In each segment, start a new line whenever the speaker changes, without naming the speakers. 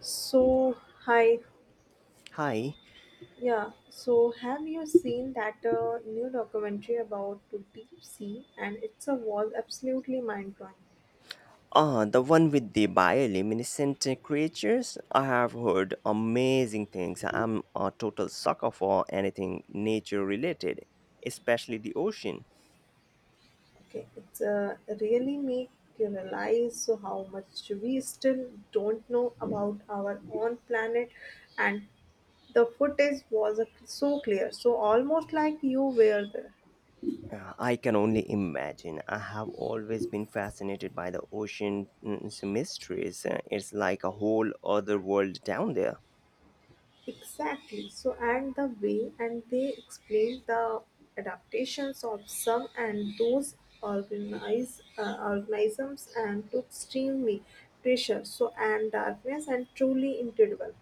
So, hi,
Hi.
yeah. So, have you seen that new documentary about the deep sea? And it's a was absolutely mind blowing.
Ah, the one with the bioluminescent creatures. I have heard amazing things. I'm a total sucker for anything nature related, especially the ocean.
Okay, it's really make you realize so how much we still don't know about our own planet, and the footage was so clear, so almost like you were there.
I can only imagine. I have always been fascinated by the ocean's mysteries. It's like a whole other world down there.
Exactly. So, and the way and they explain the adaptations of some and those organize organisms and to extremely pressure. So, and darkness and truly incredible.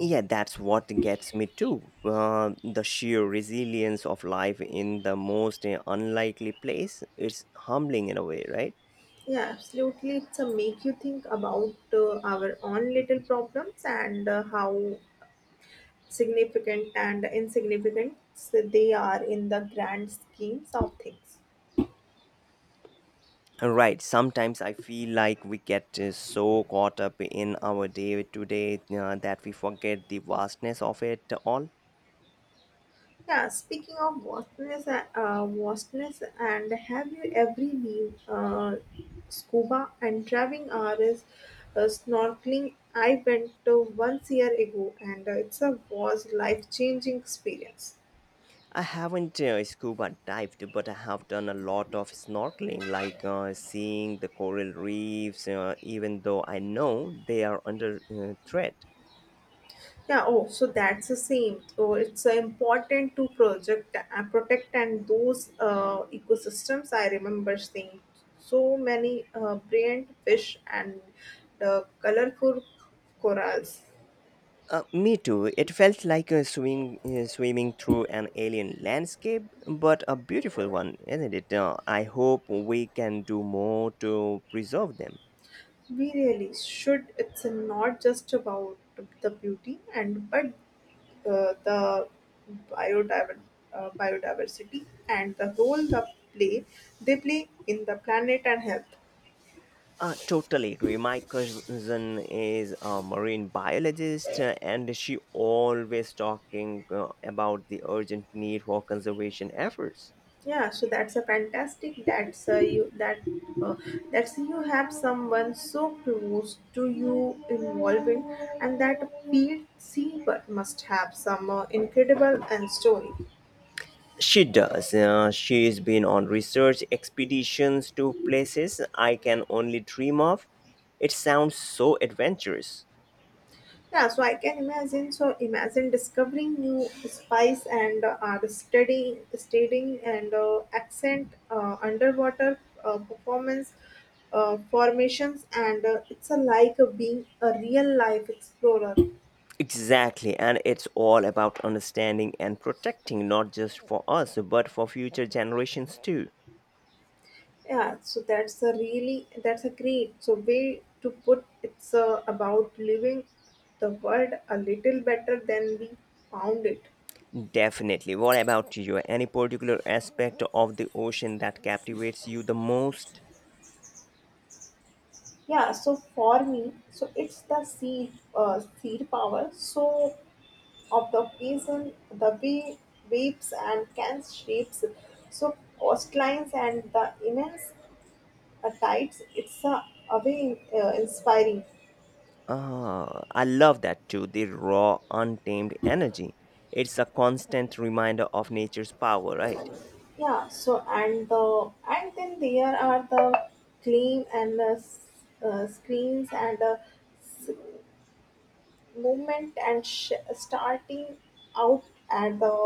Yeah, that's what gets me too. The sheer resilience of life in the most unlikely place. It's humbling in a way, right?
Yeah, absolutely. It's a make you think about our own little problems and how significant and insignificant they are in the grand schemes of things.
Right. Sometimes I feel like we get so caught up in our day to day that we forget the vastness of it all.
Yeah, speaking of vastness, and have you ever been scuba and diving or is, snorkeling? I went to once year ago, and it's a was life changing experience.
I haven't scuba dived, but I have done a lot of snorkeling, like seeing the coral reefs, even though I know they are under threat.
Yeah. Oh, so that's the same. So it's important to project protect and those ecosystems. I remember seeing so many brilliant fish and colorful corals.
Me too. It felt like swimming through an alien landscape, but a beautiful one, isn't it? I hope we can do more to preserve them.
We really should. It's not just about the beauty and but the biodiver- biodiversity and the role play they play in the planet and health.
Totally agree. My cousin is a marine biologist, and she always talking about the urgent need for conservation efforts.
Yeah, so that's a fantastic. That's you that uh, that's you have someone so close to you involved in, and that field see but must have some incredible and story.
She does. She's been on research expeditions to places I can only dream of. It sounds so adventurous.
Yeah, so I can imagine. So imagine discovering new spice and are studying and accent, underwater performance, formations, and it's a like a being a real life explorer.
Exactly, and it's all about understanding and protecting not just for us, but for future generations too.
Yeah, so that's a really that's a great so way to put. It's about living the world a little better than we found it.
Definitely. What about you? Any particular aspect of the ocean that captivates you the most?
Yeah, so for me, so it's the sea, sea power. So of the peasant, the weeps and cans shapes, so coastlines and the immense tides. It's a way inspiring.
Ah, I love that too. The raw, untamed energy. It's a constant reminder of nature's power, right?
Yeah. So and the and then there are the clean and screens and movement and starting out at the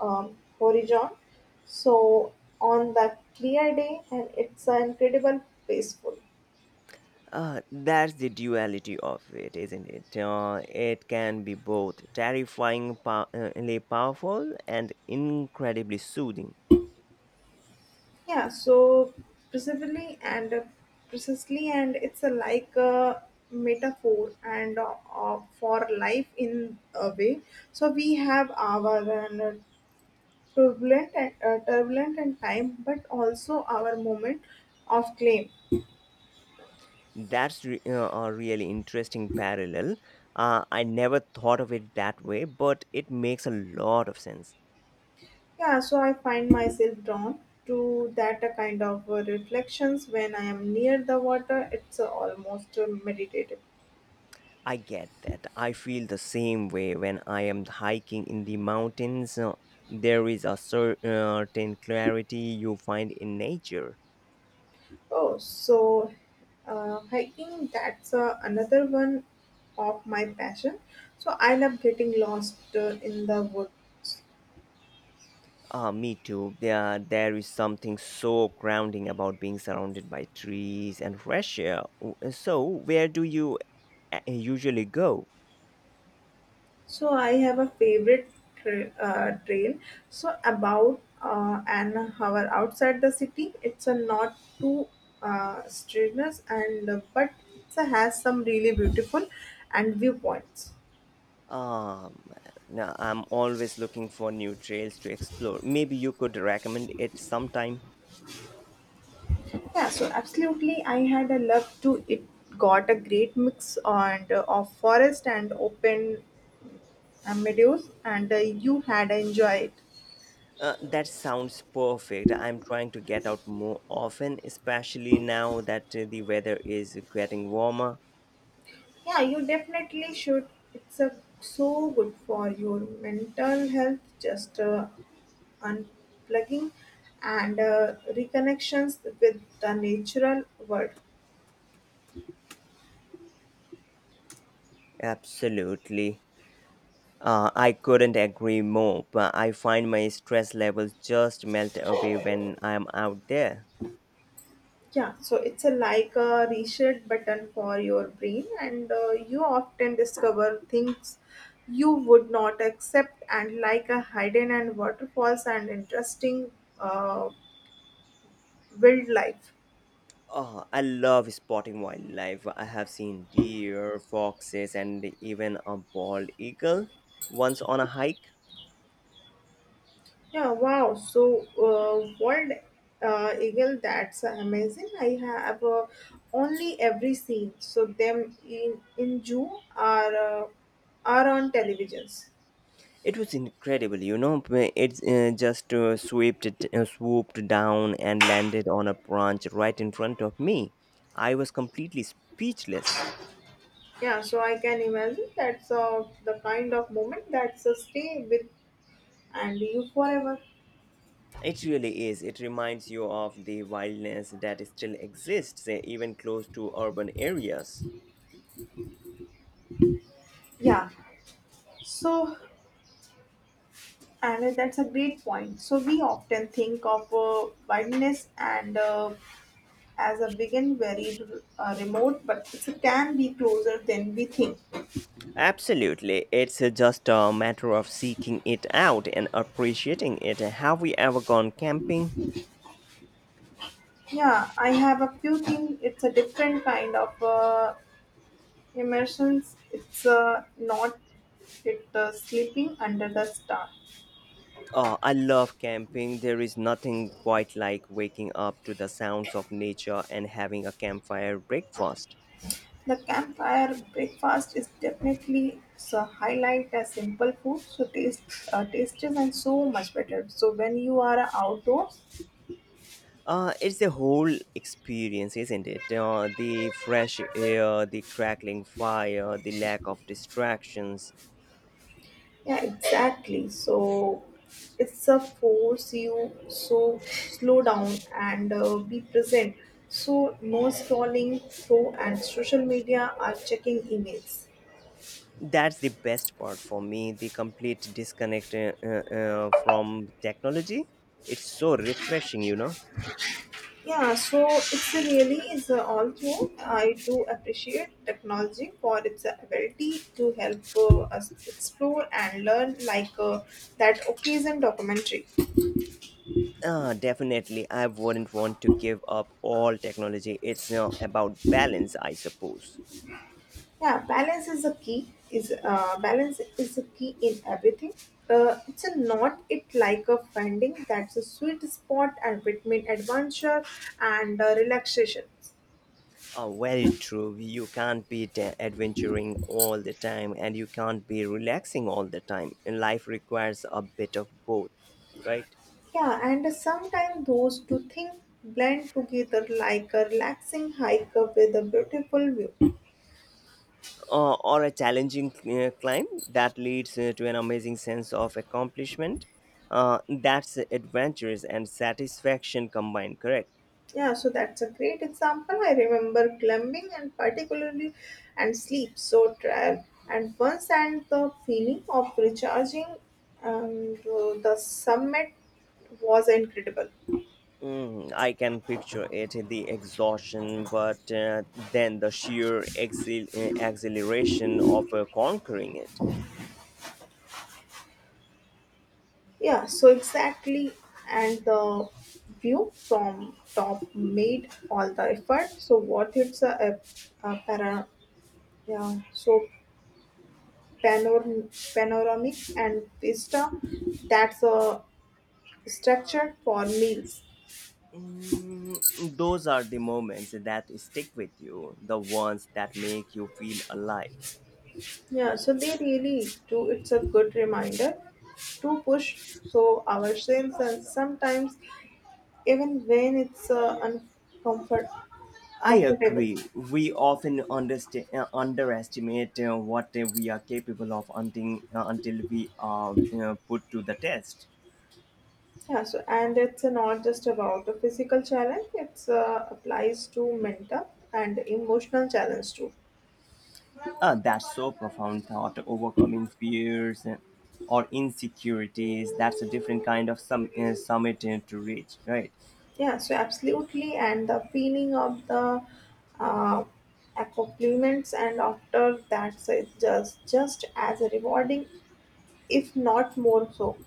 horizon. So on the clear day and it's incredible peaceful.
That's the duality of it, isn't it? It can be both terrifyingly powerful and incredibly soothing.
Yeah, so precisely and uh, precisely, and it's a, like a metaphor and for life in a way. So we have our turbulent and time, but also our moment of claim.
A really interesting parallel. I never thought of it that way, but it makes a lot of sense.
Yeah, so I find myself drawn to that kind of reflections when I am near the water. It's almost meditative.
I get that. I feel the same way when I am hiking in the mountains. There is a certain clarity you find in nature.
Oh, so hiking, that's another one of my passion. So I love getting lost in the woods.
Ah, me too. There is something so grounding about being surrounded by trees and fresh air. So, where do you usually go?
So I have a favorite trail. So about an hour outside the city, it's a not too strenuous and but it has some really beautiful and viewpoints.
Um, now I'm always looking for new trails to explore. Maybe you could recommend it sometime.
Yeah, so absolutely, I had a love to it. Got a great mix and of forest and open meadows, and you had enjoyed.
That sounds perfect. I'm trying to get out more often, especially now that the weather is getting warmer.
Yeah, you definitely should. It's a so good for your mental health, just unplugging and reconnections with the natural world.
Absolutely. I couldn't agree more, but I find my stress levels just melt away when I'm out there.
Yeah, so it's a like a reset button for your brain, and you often discover things you would not accept, and like a hidden and waterfalls and interesting uh, wildlife.
Oh, I love spotting wildlife. I have seen deer, foxes, and even a bald eagle once on a hike.
Yeah, wow. So, world eagle, that's amazing. I have only every seen. So them in June are on televisions.
It was incredible, you know. It just swooped down and landed on a branch right in front of me. I was completely speechless.
Yeah, so I can imagine that's the kind of moment that's a stay with and you forever.
It really is. It reminds you of the wildness that still exists, even close to urban areas.
Yeah, so and that's a great point. So we often think of wideness and as a begin very remote, but it can be closer than we think.
Absolutely. It's just a matter of seeking it out and appreciating it. Have we ever gone camping?
Yeah, I have a few things. It's a different kind of immersions. It's not it sleeping under the star.
Oh, I love camping. There is nothing quite like waking up to the sounds of nature and having a campfire breakfast.
The campfire breakfast is definitely so highlight as simple food, so tastes and so much better. So when you are outdoors,
It's a whole experience, isn't it? The fresh air, the crackling fire, the lack of distractions.
yeah, exactly. So it's a force you so slow down and be present. So no scrolling through and social media are checking emails.
That's the best part for me, the complete disconnect from technology. It's so refreshing, you know.
Yeah, so it's a really is a, all through. I do appreciate technology for its ability to help us explore and learn, like that occasion documentary.
Ah, definitely, I wouldn't want to give up all technology. It's about balance, I suppose.
Yeah, balance is a key. Is balance is a key in everything. It's a not it like a finding that's a sweet spot and between adventure and relaxation.
Very true. You can't be adventuring all the time, and you can't be relaxing all the time, and life requires a bit of both, right?
Yeah, and sometimes those two things blend together like a relaxing hike up with a beautiful view.
Or a challenging climb that leads to an amazing sense of accomplishment. That's adventures and satisfaction combined, correct?
Yeah, so that's a great example. I remember climbing and particularly and sleep so trial and once and the feeling of recharging and the summit was incredible.
Mm, I can picture it, the exhaustion, but then the sheer exhilaration of conquering it.
Yeah, so exactly, and the view from top made all the effort. So worth it's a para, yeah, so panoramic and vista, that's a structure for meals.
Mm, those are the moments that stick with you, the ones that make you feel alive.
Yeah, so they really do. It's a good reminder to push so ourselves, and sometimes even when it's uncomfort
I
comfortable.
agree. We often underestimate what we are capable of until we are, you know, put to the test.
Yeah, so and it's not just about a physical challenge. It's applies to mental and emotional challenge too.
That's so profound thought, overcoming fears or insecurities. That's a different kind of summit to reach, right?
Yeah, so absolutely, and the feeling of the uh, accomplishments and after that, so it's just as rewarding, if not more so.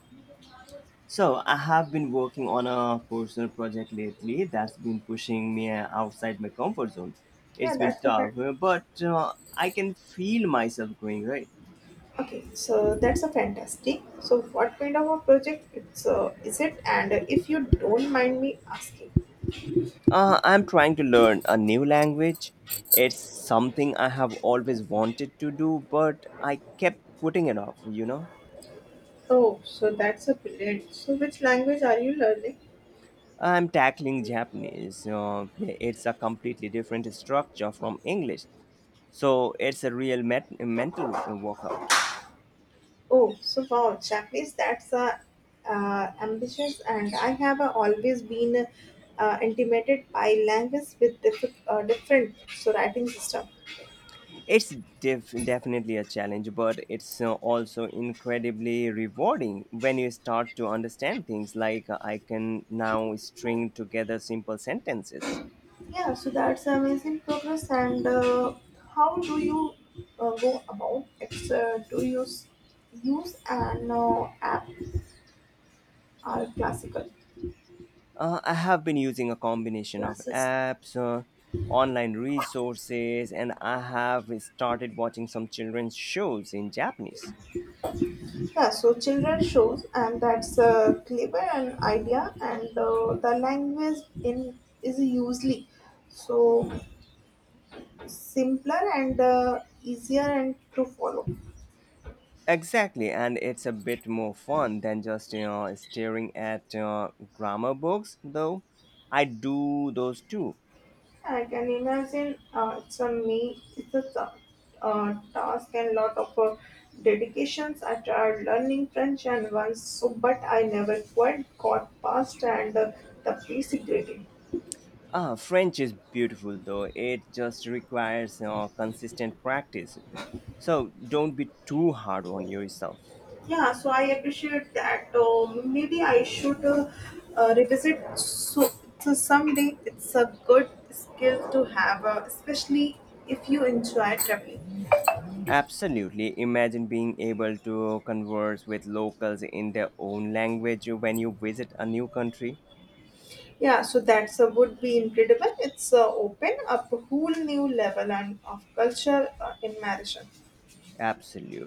So, I have been working on a personal project lately that's been pushing me outside my comfort zone.
Yeah,
It's been
that's the fact.
tough, but I can feel myself growing, right?
Okay, so that's a fantastic. So, what kind of a project it's is it? And if you don't mind me asking,
I'm trying to learn a new language. It's something I have always wanted to do, but I kept putting it off, you know.
oh, so that's a brilliant. So, which language are you learning?
I'm tackling Japanese. It's a completely different structure from English, so it's a real mental workout.
Oh, so wow, checklist, that's ambitious. And I have always been intimidated by languages with different so writing system.
It's definitely a challenge, but it's also incredibly rewarding when you start to understand things, like I can now string together simple sentences.
Yeah, so that's amazing progress. And how do you go about it? Do you use an app or classical
I have been using a combination of
classes?
apps, online resources, and I have started watching some children's shows in Japanese.
Yeah, so children shows, and that's a clever an idea, and the language in is usually so simpler and easier and to follow.
Exactly, and it's a bit more fun than just, you know, staring at grammar books, though. I do those too.
I can imagine it's a me, it's a task and lot of dedications. I tried learning French and once, so but I never quite got past and the basic grading.
Ah, French is beautiful, though. It just requires consistent practice. So don't be too hard on yourself.
Yeah, so I appreciate that. Maybe I should revisit. So, so someday it's a good skill to have, especially if you enjoy traveling.
Absolutely. Imagine being able to converse with locals in their own language when you visit a new country.
Yeah, so that's would be incredible. It's open up a whole new level and of culture immersion.
Absolutely.